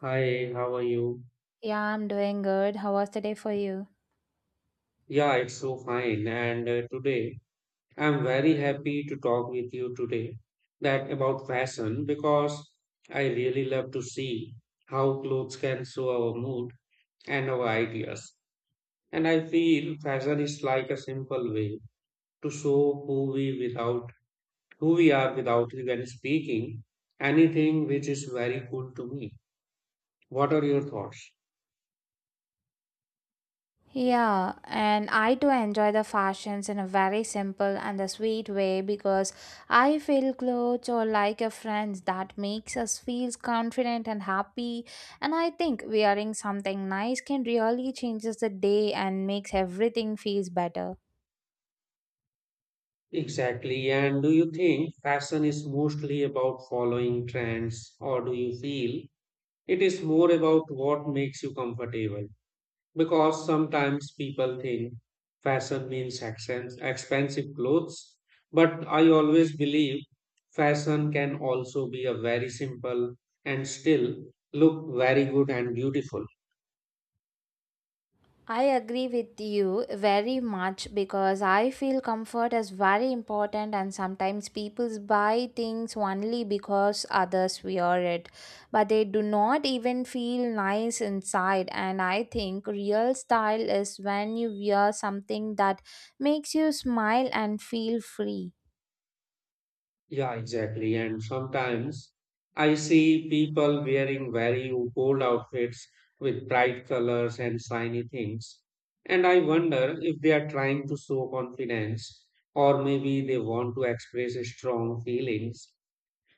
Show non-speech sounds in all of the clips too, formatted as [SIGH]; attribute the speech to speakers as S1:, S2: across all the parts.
S1: Hi, how are you?
S2: Yeah, I'm doing good. How was the day for you?
S1: Yeah, it's so fine. And today I'm very happy to talk with you today that about fashion because I really love to see how clothes can show our mood and our ideas. And I feel fashion is like a simple way to show who we without who we are without even speaking anything, which is very cool to me. What are your thoughts?
S2: Yeah, and I too enjoy the fashions in a very simple and a sweet way because I feel clothes or like a friend that makes us feel confident and happy. And I think wearing something nice can really changes the day and makes everything feels better.
S1: Exactly. And do you think fashion is mostly about following trends, or do you feel it is more about what makes you comfortable? Because sometimes people think fashion means accents, expensive clothes, but I always believe fashion can also be a very simple and still look very good and beautiful.
S2: I agree with you very much because I feel comfort is very important, and sometimes people buy things only because others wear it, but they do not even feel nice inside. And I think real style is when you wear something that makes you smile and feel free.
S1: Yeah, exactly. And sometimes I see people wearing very bold outfits with bright colors and shiny things. And I wonder if they are trying to show confidence or maybe they want to express strong feelings.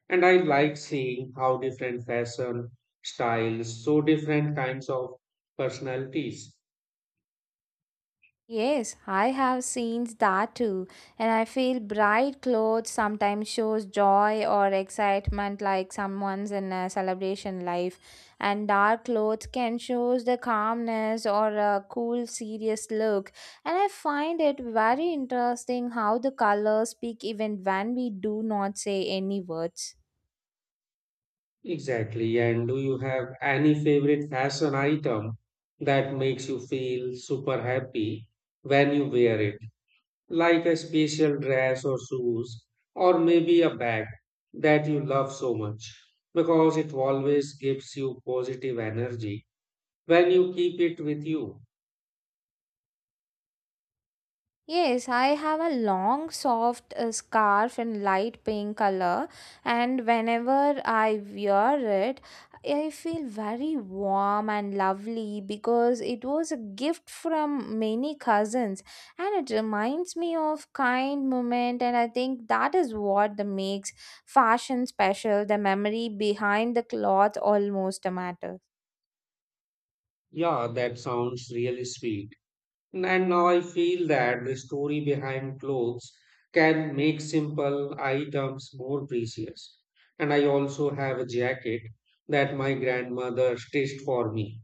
S1: And I like seeing how different fashion styles show different kinds of personalities.
S2: Yes, I have seen that too, and I feel bright clothes sometimes shows joy or excitement like someone's in a celebration life, and dark clothes can shows the calmness or a cool serious look. And I find it very interesting how the colors speak even when we do not say any words.
S1: Exactly. And do you have any favorite fashion item that makes you feel super happy when you wear it? Like a special dress or shoes, or maybe a bag that you love so much because it always gives you positive energy when you keep it with you.
S2: Yes, I have a long, soft scarf in light pink color, and whenever I wear it, I feel very warm and lovely because it was a gift from many cousins, and it reminds me of kind moment, and I think that is what the makes fashion special, the memory behind the cloth almost a matter.
S1: Yeah, that sounds really sweet. And now I feel that the story behind clothes can make simple items more precious. And I also have a jacket that my grandmother stitched for me.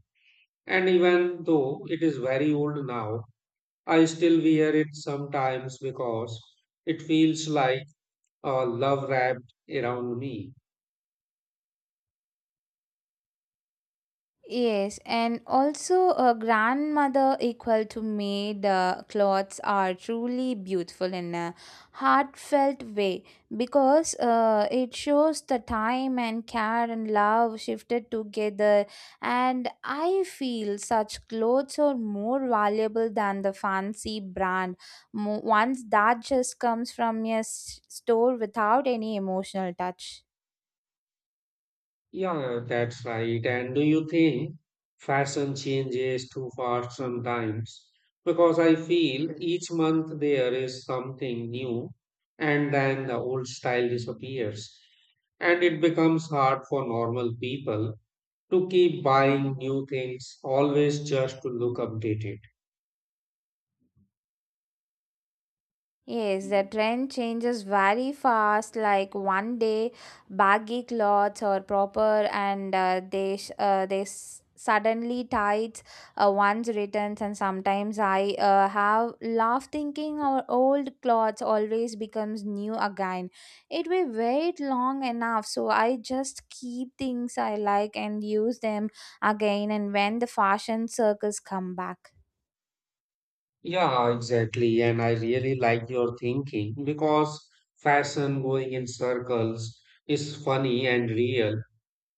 S1: And even though it is very old now, I still wear it sometimes because it feels like a love wrapped around me.
S2: Yes, and also a grandmother equal to me. The clothes are truly beautiful in a heartfelt way because it shows the time and care and love shifted together. And I feel such clothes are more valuable than the fancy brand. Once that just comes from a store without any emotional touch.
S1: Yeah, that's right. And do you think fashion changes too fast sometimes? Because I feel each month there is something new, and then the old style disappears, and it becomes hard for normal people to keep buying new things, always just to look updated.
S2: Yes, the trend changes very fast. Like one day, baggy clothes are proper, and they suddenly tight one's returns. And sometimes I have laugh thinking our old clothes always becomes new again. It will wait long enough, so I just keep things I like and use them again. And when the fashion circles come back.
S1: Yeah, exactly. And I really like your thinking because fashion going in circles is funny and real.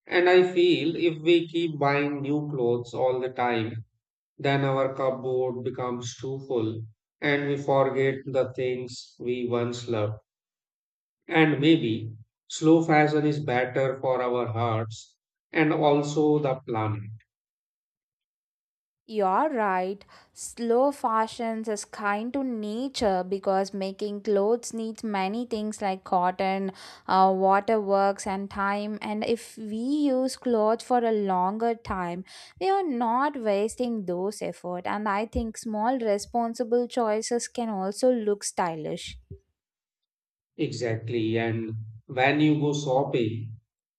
S1: And I feel if we keep buying new clothes all the time, then our cupboard becomes too full and we forget the things we once loved. And maybe slow fashion is better for our hearts and also the planet.
S2: You're right. Slow fashions is kind to nature because making clothes needs many things like cotton, waterworks, and time. And if we use clothes for a longer time, we are not wasting those effort. And I think small responsible choices can also look stylish.
S1: Exactly. And when you go shopping,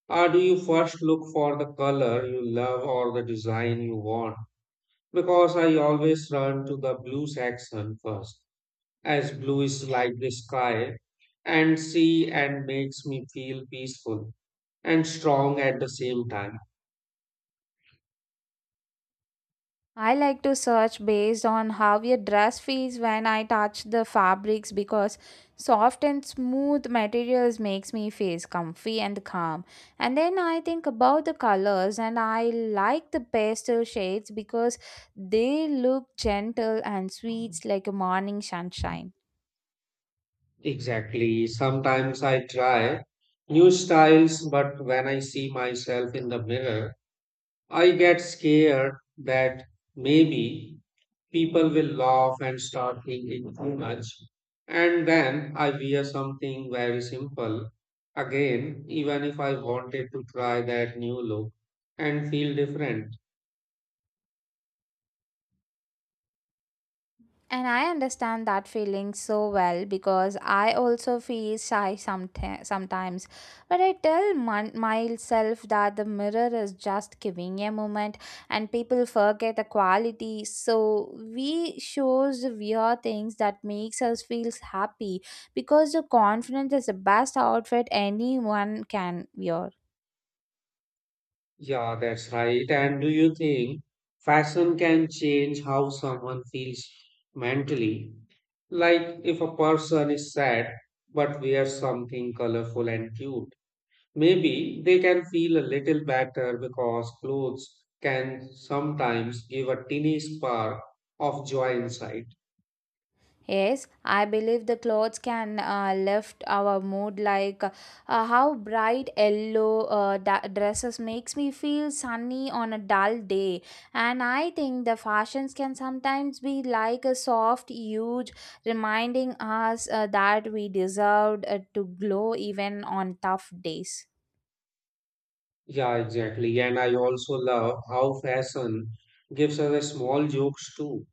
S1: or do you first look for the color you love or the design you want? Because I always run to the blue section first, as blue is like the sky and sea and makes me feel peaceful and strong at the same time.
S2: I like to search based on how a dress feels when I touch the fabrics because soft and smooth materials makes me feel comfy and calm. And then I think about the colors and I like the pastel shades because they look gentle and sweet like a morning sunshine.
S1: Exactly. Sometimes I try new styles, but when I see myself in the mirror, I get scared that maybe people will laugh and start thinking too much. And then I wear something very simple again, even if I wanted to try that new look and feel different.
S2: And I understand that feeling so well because I also feel shy sometimes. But I tell myself that the mirror is just giving a moment, and people forget the quality. So we shows the weird things that makes us feel happy because the confidence is the best outfit anyone can wear.
S1: Yeah, that's right. And do you think fashion can change how someone feels mentally? Like if a person is sad but wears something colorful and cute, maybe they can feel a little better because clothes can sometimes give a teeny spark of joy inside.
S2: Yes, I believe the clothes can lift our mood, like how bright yellow dresses makes me feel sunny on a dull day, and I think the fashions can sometimes be like a soft huge reminding us that we deserved to glow even on tough days.
S1: Yeah, exactly. And I also love how fashion gives us a small jokes too.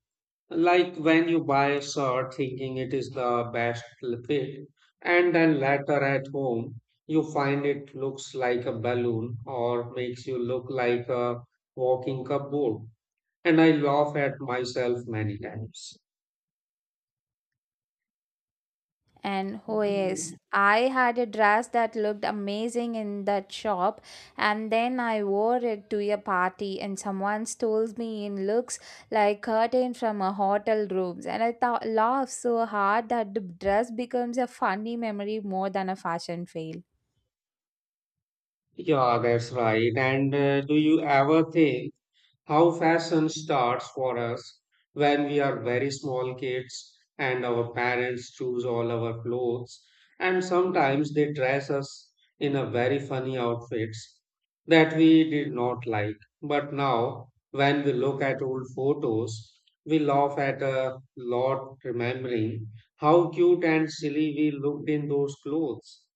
S1: Like when you buy a shirt thinking it is the best fit, and then later at home you find it looks like a balloon or makes you look like a walking cupboard. And I laugh at myself many times.
S2: And oh yes, I had a dress that looked amazing in that shop, and then I wore it to a party, and someone stole me in looks like curtain from a hotel rooms. And I thought laughed so hard that the dress becomes a funny memory more than a fashion fail.
S1: Yeah, that's right. And do you ever think how fashion starts for us when we are very small kids and our parents choose all our clothes, and sometimes they dress us in a very funny outfits that we did not like, but now when we look at old photos we laugh at a lot remembering how cute and silly we looked in those clothes.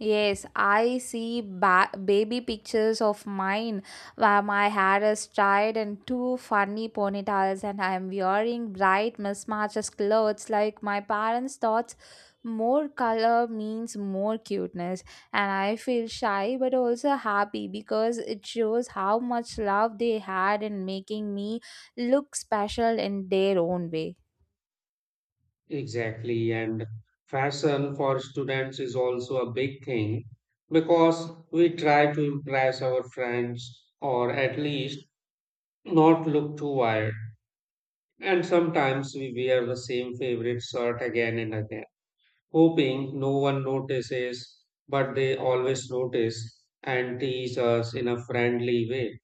S2: Yes, I see baby pictures of mine, where my hair is tied in two funny ponytails, and I am wearing bright mismatches clothes like my parents thought more color means more cuteness, and I feel shy but also happy because it shows how much love they had in making me look special in their own way.
S1: Exactly. And fashion for students is also a big thing because we try to impress our friends or at least not look too wired. And sometimes we wear the same favorite shirt again and again, hoping no one notices, but they always notice and tease us in a friendly way.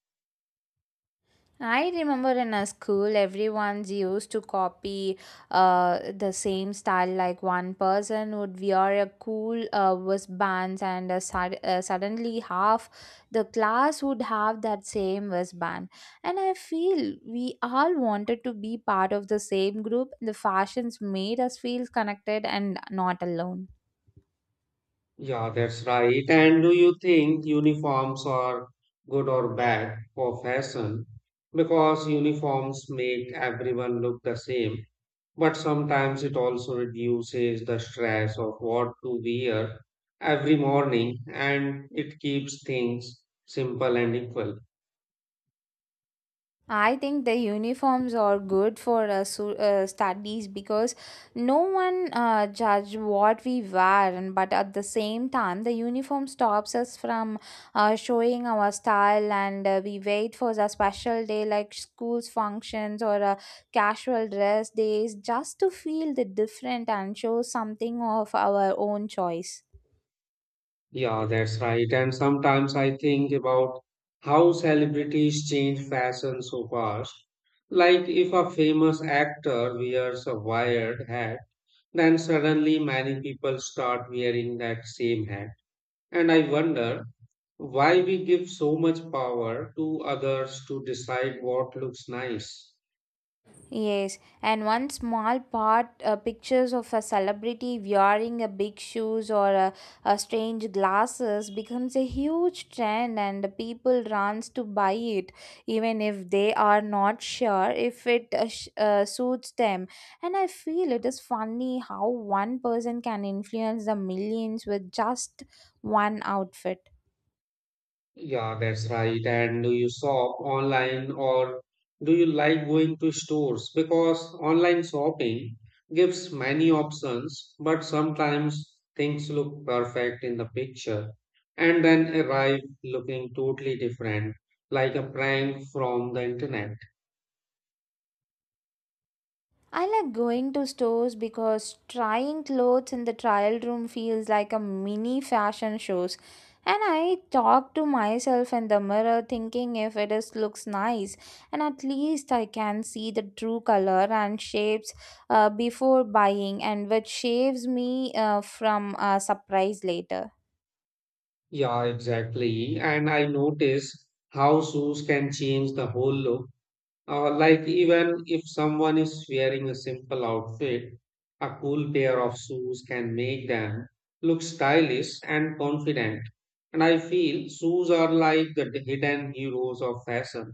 S2: I remember in a school, everyone's used to copy the same style. Like one person would wear a cool wristbands, and suddenly half the class would have that same wristband. And I feel we all wanted to be part of the same group. The fashions made us feel connected and not alone.
S1: Yeah, that's right. And do you think uniforms are good or bad for fashion? Because uniforms make everyone look the same, but sometimes it also reduces the stress of what to wear every morning, and it keeps things simple and equal.
S2: I think the uniforms are good for studies because no one judge what we wear, and but at the same time, the uniform stops us from showing our style, and we wait for the special day like school's functions or casual dress days, just to feel the different and show something of our own choice.
S1: Yeah, that's right. And sometimes I think about how celebrities change fashion so fast. Like if a famous actor wears a wired hat, then suddenly many people start wearing that same hat. And I wonder why we give so much power to others to decide what looks nice.
S2: Yes, and one small part pictures of a celebrity wearing a big shoes or a strange glasses becomes a huge trend, and people runs to buy it even if they are not sure if it suits them. And I feel it is funny how one person can influence the millions with just one outfit.
S1: Yeah, that's right. And do you shop online or do you like going to stores? Because online shopping gives many options, but sometimes things look perfect in the picture and then arrive looking totally different, like a prank from the internet.
S2: I like going to stores because trying clothes in the trial room feels like a mini fashion shows. And I talk to myself in the mirror thinking if it is looks nice, and at least I can see the true color and shapes before buying, and which saves me from a surprise later.
S1: Yeah, exactly. And I notice how shoes can change the whole look. Like even if someone is wearing a simple outfit, a cool pair of shoes can make them look stylish and confident. And I feel shoes are like the hidden heroes of fashion.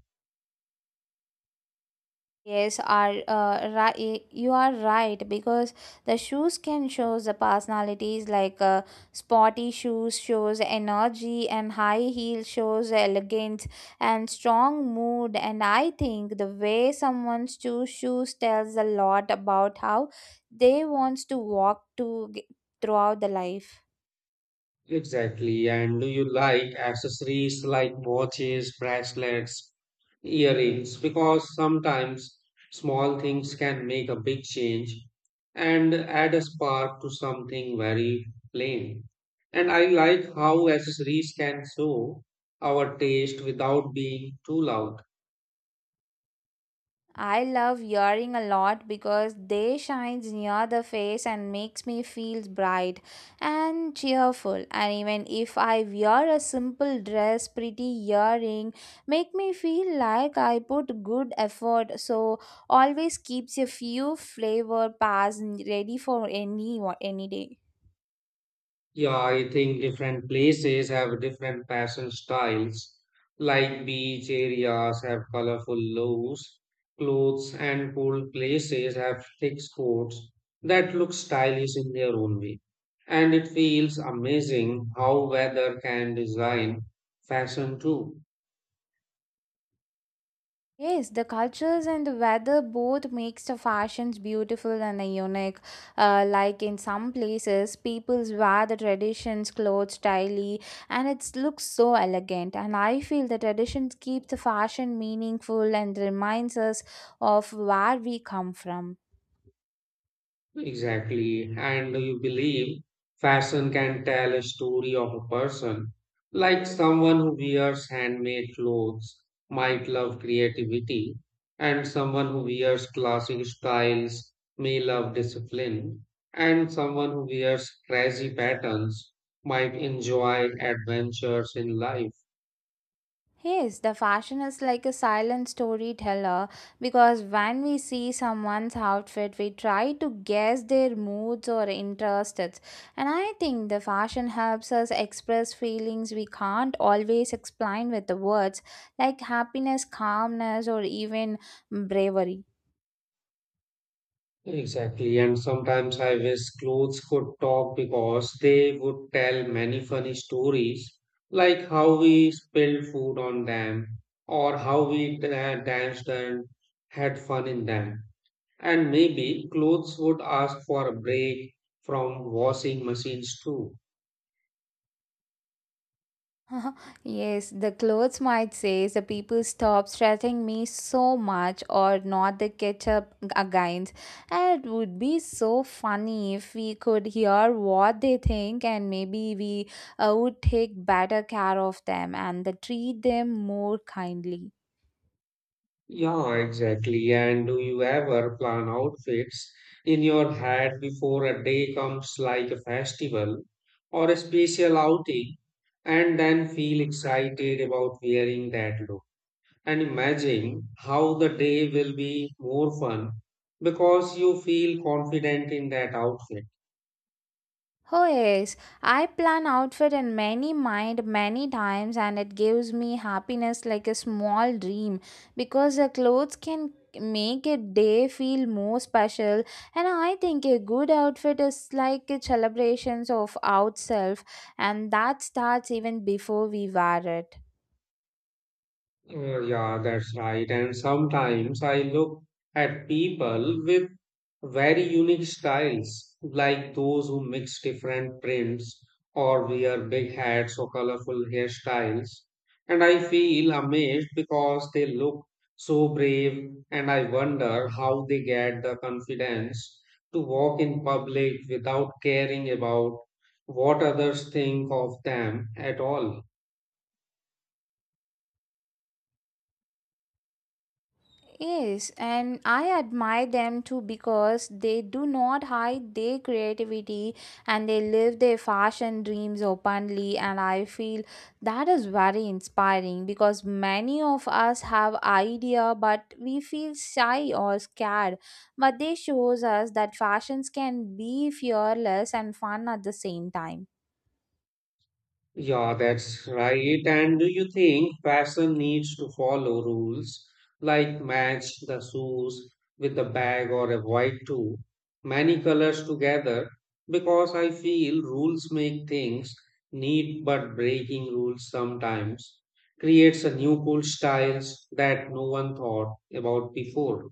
S2: Yes, are right. You are right because the shoes can show the personalities. Like sporty shoes shows energy, and high heel shows elegance and strong mood. And I think the way someone's choose shoes tells a lot about how they wants to walk to throughout the life.
S1: Exactly. And do you like accessories like watches, bracelets, earrings? Because sometimes small things can make a big change and add a spark to something very plain. And I like how accessories can show our taste without being too loud.
S2: I love earring a lot because they shines near the face and makes me feel bright and cheerful. And even if I wear a simple dress, pretty earring make me feel like I put good effort. So always keeps a few flavor pairs ready for any day.
S1: Yeah, I think different places have different fashion styles. Like beach areas have colorful loaves, clothes, and cool places have thick coats that look stylish in their own way. And it feels amazing how weather can design fashion too.
S2: Yes, the cultures and the weather both makes the fashions beautiful and unique. Like in some places, people wear the traditions clothes daily, and it looks so elegant. And I feel the traditions keep the fashion meaningful and reminds us of where we come from.
S1: Exactly. And you believe fashion can tell a story of a person. Like someone who wears handmade clothes might love creativity, and someone who wears classic styles may love discipline, and someone who wears crazy patterns might enjoy adventures in life.
S2: Yes, the fashion is like a silent storyteller because when we see someone's outfit, we try to guess their moods or interests. And I think the fashion helps us express feelings we can't always explain with the words, like happiness, calmness, or even bravery.
S1: Exactly, and sometimes I wish clothes could talk because they would tell many funny stories, like how we spilled food on them, or how we danced and had fun in them. And maybe clothes would ask for a break from washing machines too.
S2: [LAUGHS] Yes, the clothes might say the people stop stressing me so much or not the ketchup against. And it would be so funny if we could hear what they think, and maybe we would take better care of them and the treat them more kindly.
S1: Yeah, exactly. And do you ever plan outfits in your head before a day comes, like a festival or a special outing, and then feel excited about wearing that look? And imagine how the day will be more fun because you feel confident in that outfit.
S2: Oh yes, I plan outfit in many mind many times, and it gives me happiness like a small dream because the clothes can make a day feel more special, and I think a good outfit is like a celebrations of ourselves, and that starts even before we wear it.
S1: Yeah, that's right. And sometimes I look at people with very unique styles, like those who mix different prints or wear big hats or colorful hairstyles. And I feel amazed because they look so brave, and I wonder how they get the confidence to walk in public without caring about what others think of them at all.
S2: Yes, and I admire them too because they do not hide their creativity and they live their fashion dreams openly. And I feel that is very inspiring because many of us have idea but we feel shy or scared. But they shows us that fashions can be fearless and fun at the same time.
S1: Yeah, that's right. And do you think fashion needs to follow rules like match the shoes with the bag or avoid too many colors together? Because I feel rules make things neat, but breaking rules sometimes creates a new cool styles that no one thought about before.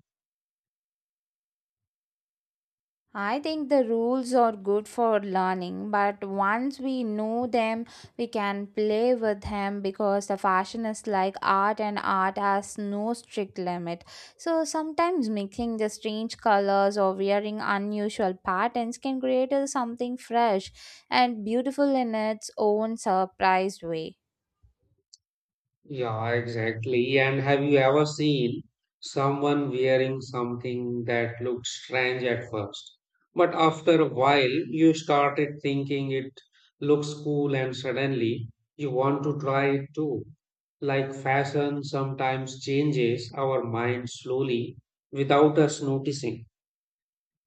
S2: I think the rules are good for learning, but once we know them, we can play with them because the fashion is like art, and art has no strict limit. So sometimes mixing the strange colors or wearing unusual patterns can create a something fresh and beautiful in its own surprised way.
S1: Yeah, exactly. And have you ever seen someone wearing something that looked strange at first? But after a while, you started thinking it looks cool, and suddenly you want to try it too. Like fashion sometimes changes our mind slowly without us noticing.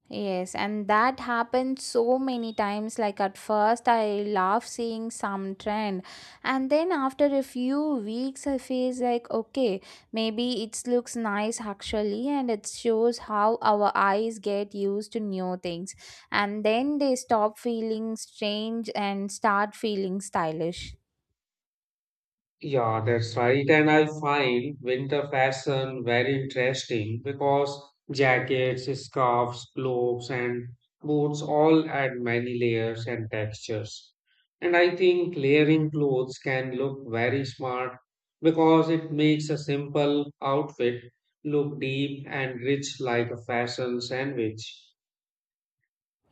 S2: Yes, and that happened so many times. Like at first, I love seeing some trend, and then after a few weeks, I feel like okay, maybe it looks nice actually, and it shows how our eyes get used to new things, and then they stop feeling strange and start feeling stylish.
S1: Yeah, that's right. And I find winter fashion very interesting because jackets, scarves, gloves, and boots all add many layers and textures. And I think layering clothes can look very smart because it makes a simple outfit look deep and rich like a fashion sandwich.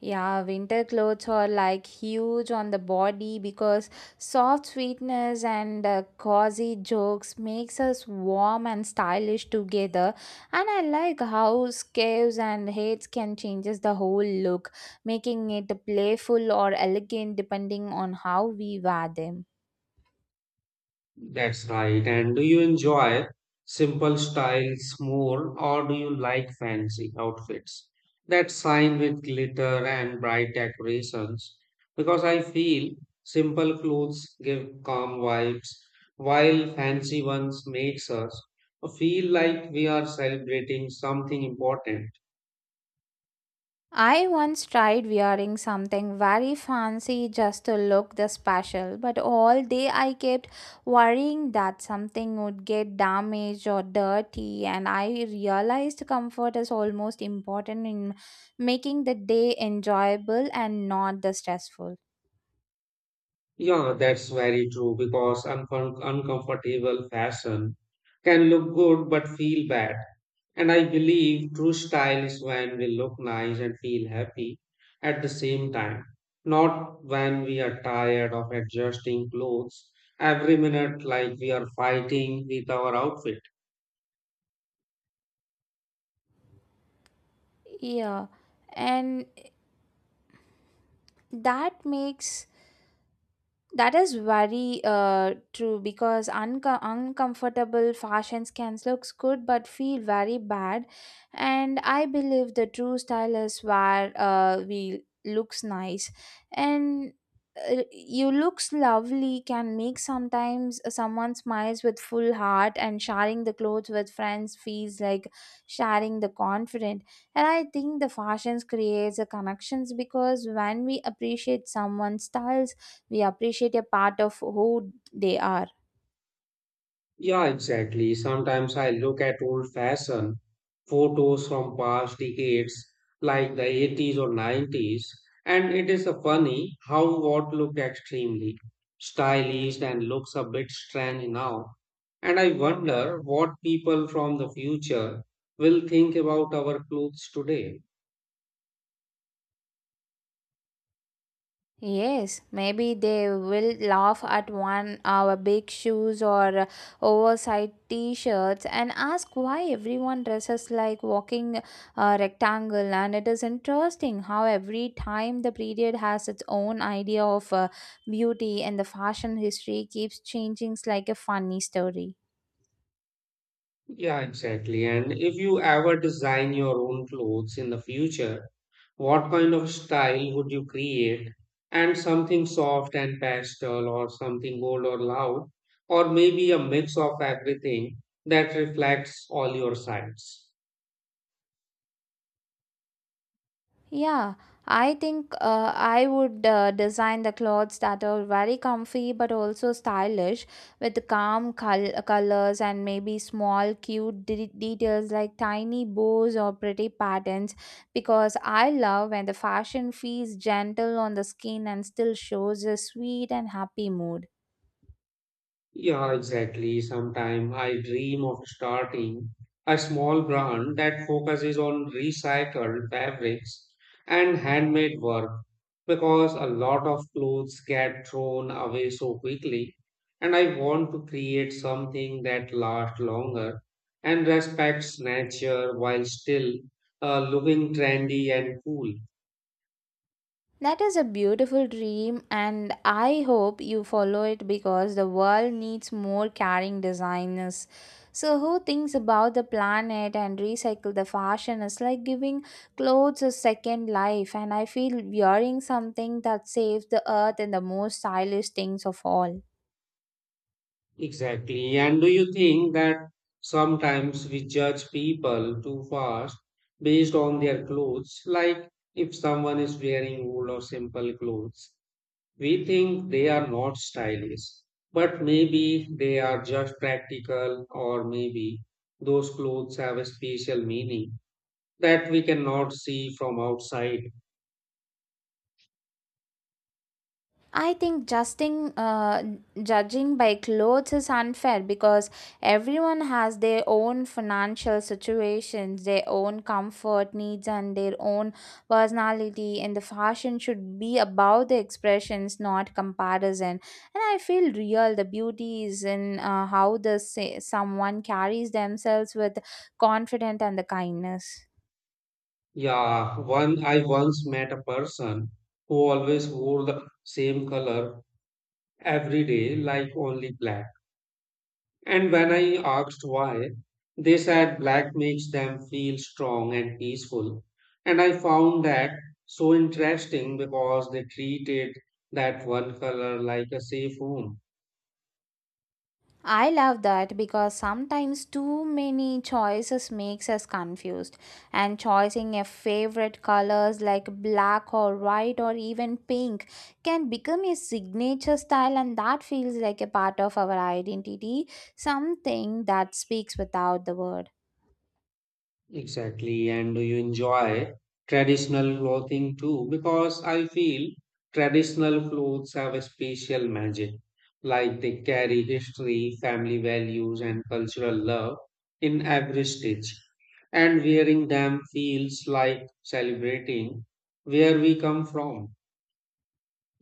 S2: Yeah, winter clothes are like huge on the body because soft sweetness and cozy jokes makes us warm and stylish together. And I like how scarves and hats can changes the whole look, making it playful or elegant depending on how we wear them.
S1: That's right. And do you enjoy simple styles more, or do you like fancy outfits that shine with glitter and bright decorations? Because I feel simple clothes give calm vibes, while fancy ones makes us feel like we are celebrating something important.
S2: I once tried wearing something very fancy just to look the special, but all day I kept worrying that something would get damaged or dirty, and I realized comfort is almost important in making the day enjoyable and not the stressful.
S1: Yeah, that's very true because uncomfortable fashion can look good but feel bad. And I believe true style is when we look nice and feel happy at the same time, not when we are tired of adjusting clothes every minute like we are fighting with our outfit.
S2: Yeah, and that makes. That is very true because uncomfortable fashions can looks good but feel very bad, and I believe the true style is where we looks nice, and you looks lovely can make sometimes someone smiles with full heart, and sharing the clothes with friends feels like sharing the confident, and I think the fashions creates a connections because when we appreciate someone's styles, we appreciate a part of who they are.
S1: Yeah, exactly. Sometimes I look at old-fashioned photos from past decades, like the 80s or 90s, and it is a funny how what looked extremely stylish and looks a bit strange now. And I wonder what people from the future will think about our clothes today.
S2: Yes, maybe they will laugh at one our big shoes or oversized t-shirts and ask why everyone dresses like walking rectangle, and it is interesting how every time the period has its own idea of beauty, and the fashion history keeps changing like a funny story.
S1: Yeah, exactly. And if you ever design your own clothes in the future, what kind of style would you create? And something soft and pastel, or something bold or loud, or maybe a mix of everything that reflects all your sides.
S2: Yeah, I think I would design the clothes that are very comfy but also stylish, with calm colors and maybe small cute details like tiny bows or pretty patterns, because I love when the fashion feels gentle on the skin and still shows a sweet and happy mood.
S1: Yeah, exactly. Sometimes I dream of starting a small brand that focuses on recycled fabrics and handmade work because a lot of clothes get thrown away so quickly. And I want to create something that lasts longer and respects nature while still looking trendy and cool.
S2: That is a beautiful dream, and I hope you follow it because the world needs more caring designers. So, who thinks about the planet and recycle the fashion is like giving clothes a second life, and I feel wearing something that saves the earth and the most stylish things of all.
S1: Exactly. And do you think that sometimes we judge people too fast based on their clothes? Like if someone is wearing old or simple clothes, we think they are not stylish, but maybe they are just practical, or maybe those clothes have a special meaning that we cannot see from outside.
S2: I think justing, judging by clothes is unfair because everyone has their own financial situations, their own comfort needs, and their own personality. And the fashion should be about the expressions, not comparison. And I feel real. The beauty is in how the say, someone carries themselves with confidence and the kindness.
S1: Yeah, one I once met a person who always wore the same color every day, like only black. And when I asked why, they said black makes them feel strong and peaceful. And I found that so interesting because they treated that one color like a safe home.
S2: I love that because sometimes too many choices makes us confused, and choosing a favorite colors like black or white or even pink can become a signature style, and that feels like a part of our identity, something that speaks without the word.
S1: Exactly. And do you enjoy traditional clothing too? Because I feel traditional clothes have a special magic. Like they carry history, family values, and cultural love in every stitch. And wearing them feels like celebrating where we come from.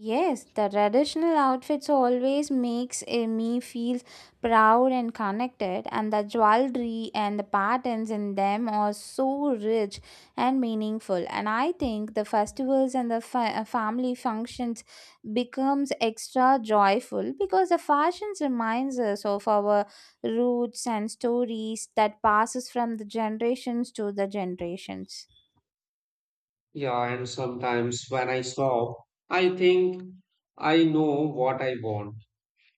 S2: Yes, the traditional outfits always makes me feel proud and connected, and the jewelry and the patterns in them are so rich and meaningful, and I think the festivals and the family functions becomes extra joyful because the fashions reminds us of our roots and stories that passes from the generations to the generations.
S1: Yeah, and sometimes when I shop, I think I know what I want.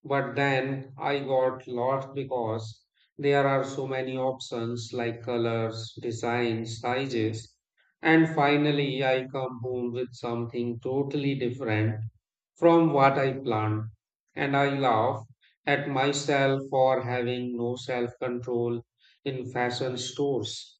S1: But then I got lost because there are so many options like colors, designs, sizes. And finally, I come home with something totally different from what I planned. And I laugh at myself for having no self control in fashion stores.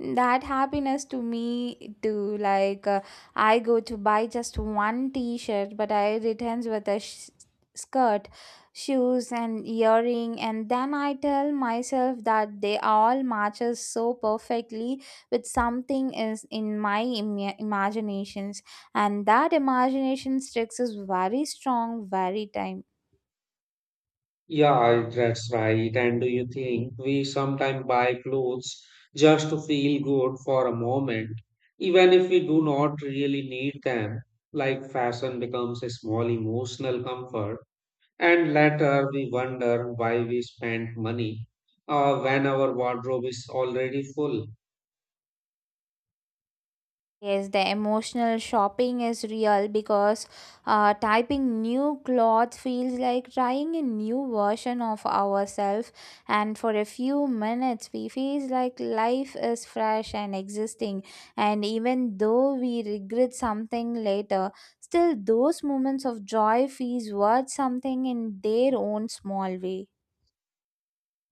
S2: That happiness to me too, like I go to buy just one t-shirt, but I returns with a skirt, shoes, and earring, and then I tell myself that they all matches so perfectly with something is in my imaginations, and that imagination tricks is very strong very time.
S1: Yeah, that's right. And do you think we sometimes buy clothes just to feel good for a moment, even if we do not really need them? Like fashion becomes a small emotional comfort, and later we wonder why we spent money when our wardrobe is already full.
S2: Yes, the emotional shopping is real because typing new clothes feels like trying a new version of ourselves, and for a few minutes, we feel like life is fresh and existing. And even though we regret something later, still those moments of joy feels worth something in their own small way.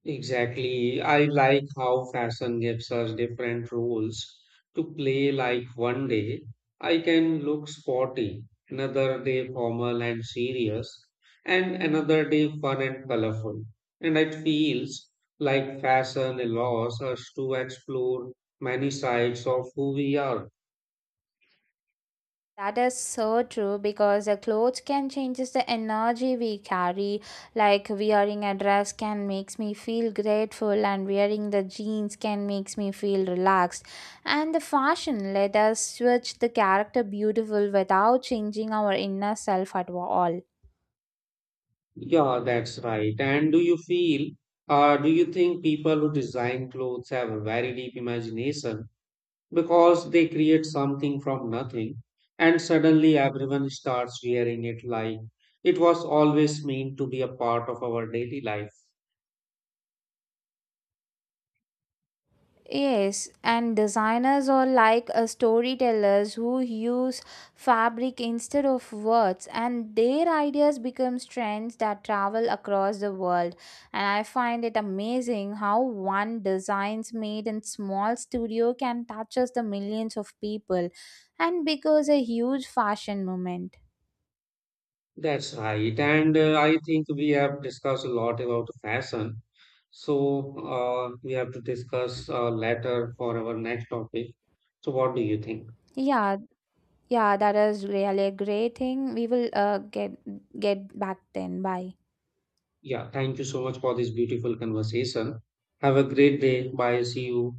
S1: Exactly. I like how fashion gives us different roles to play. Like one day I can look sporty, another day formal and serious, and another day fun and colorful. And it feels like fashion allows us to explore many sides of who we are.
S2: That is so true because the clothes can changes the energy we carry. Like wearing a dress can makes me feel grateful, and wearing the jeans can makes me feel relaxed. And the fashion let us switch the character beautiful without changing our inner self at all.
S1: Yeah, that's right. And do you think people who design clothes have a very deep imagination? Because they create something from nothing and suddenly everyone starts wearing it like it was always meant to be a part of our daily life.
S2: Yes, and designers are like storytellers who use fabric instead of words, and their ideas become trends that travel across the world. And I find it amazing how one designs made in small studio can touches the millions of people, and becomes a huge fashion movement.
S1: That's right. And I think we have discussed a lot about fashion. So we have to discuss later for our next topic. So, what do you think?
S2: Yeah, yeah, that is really a great thing. We will get back then. Bye.
S1: Yeah, thank you so much for this beautiful conversation. Have a great day. Bye. See you.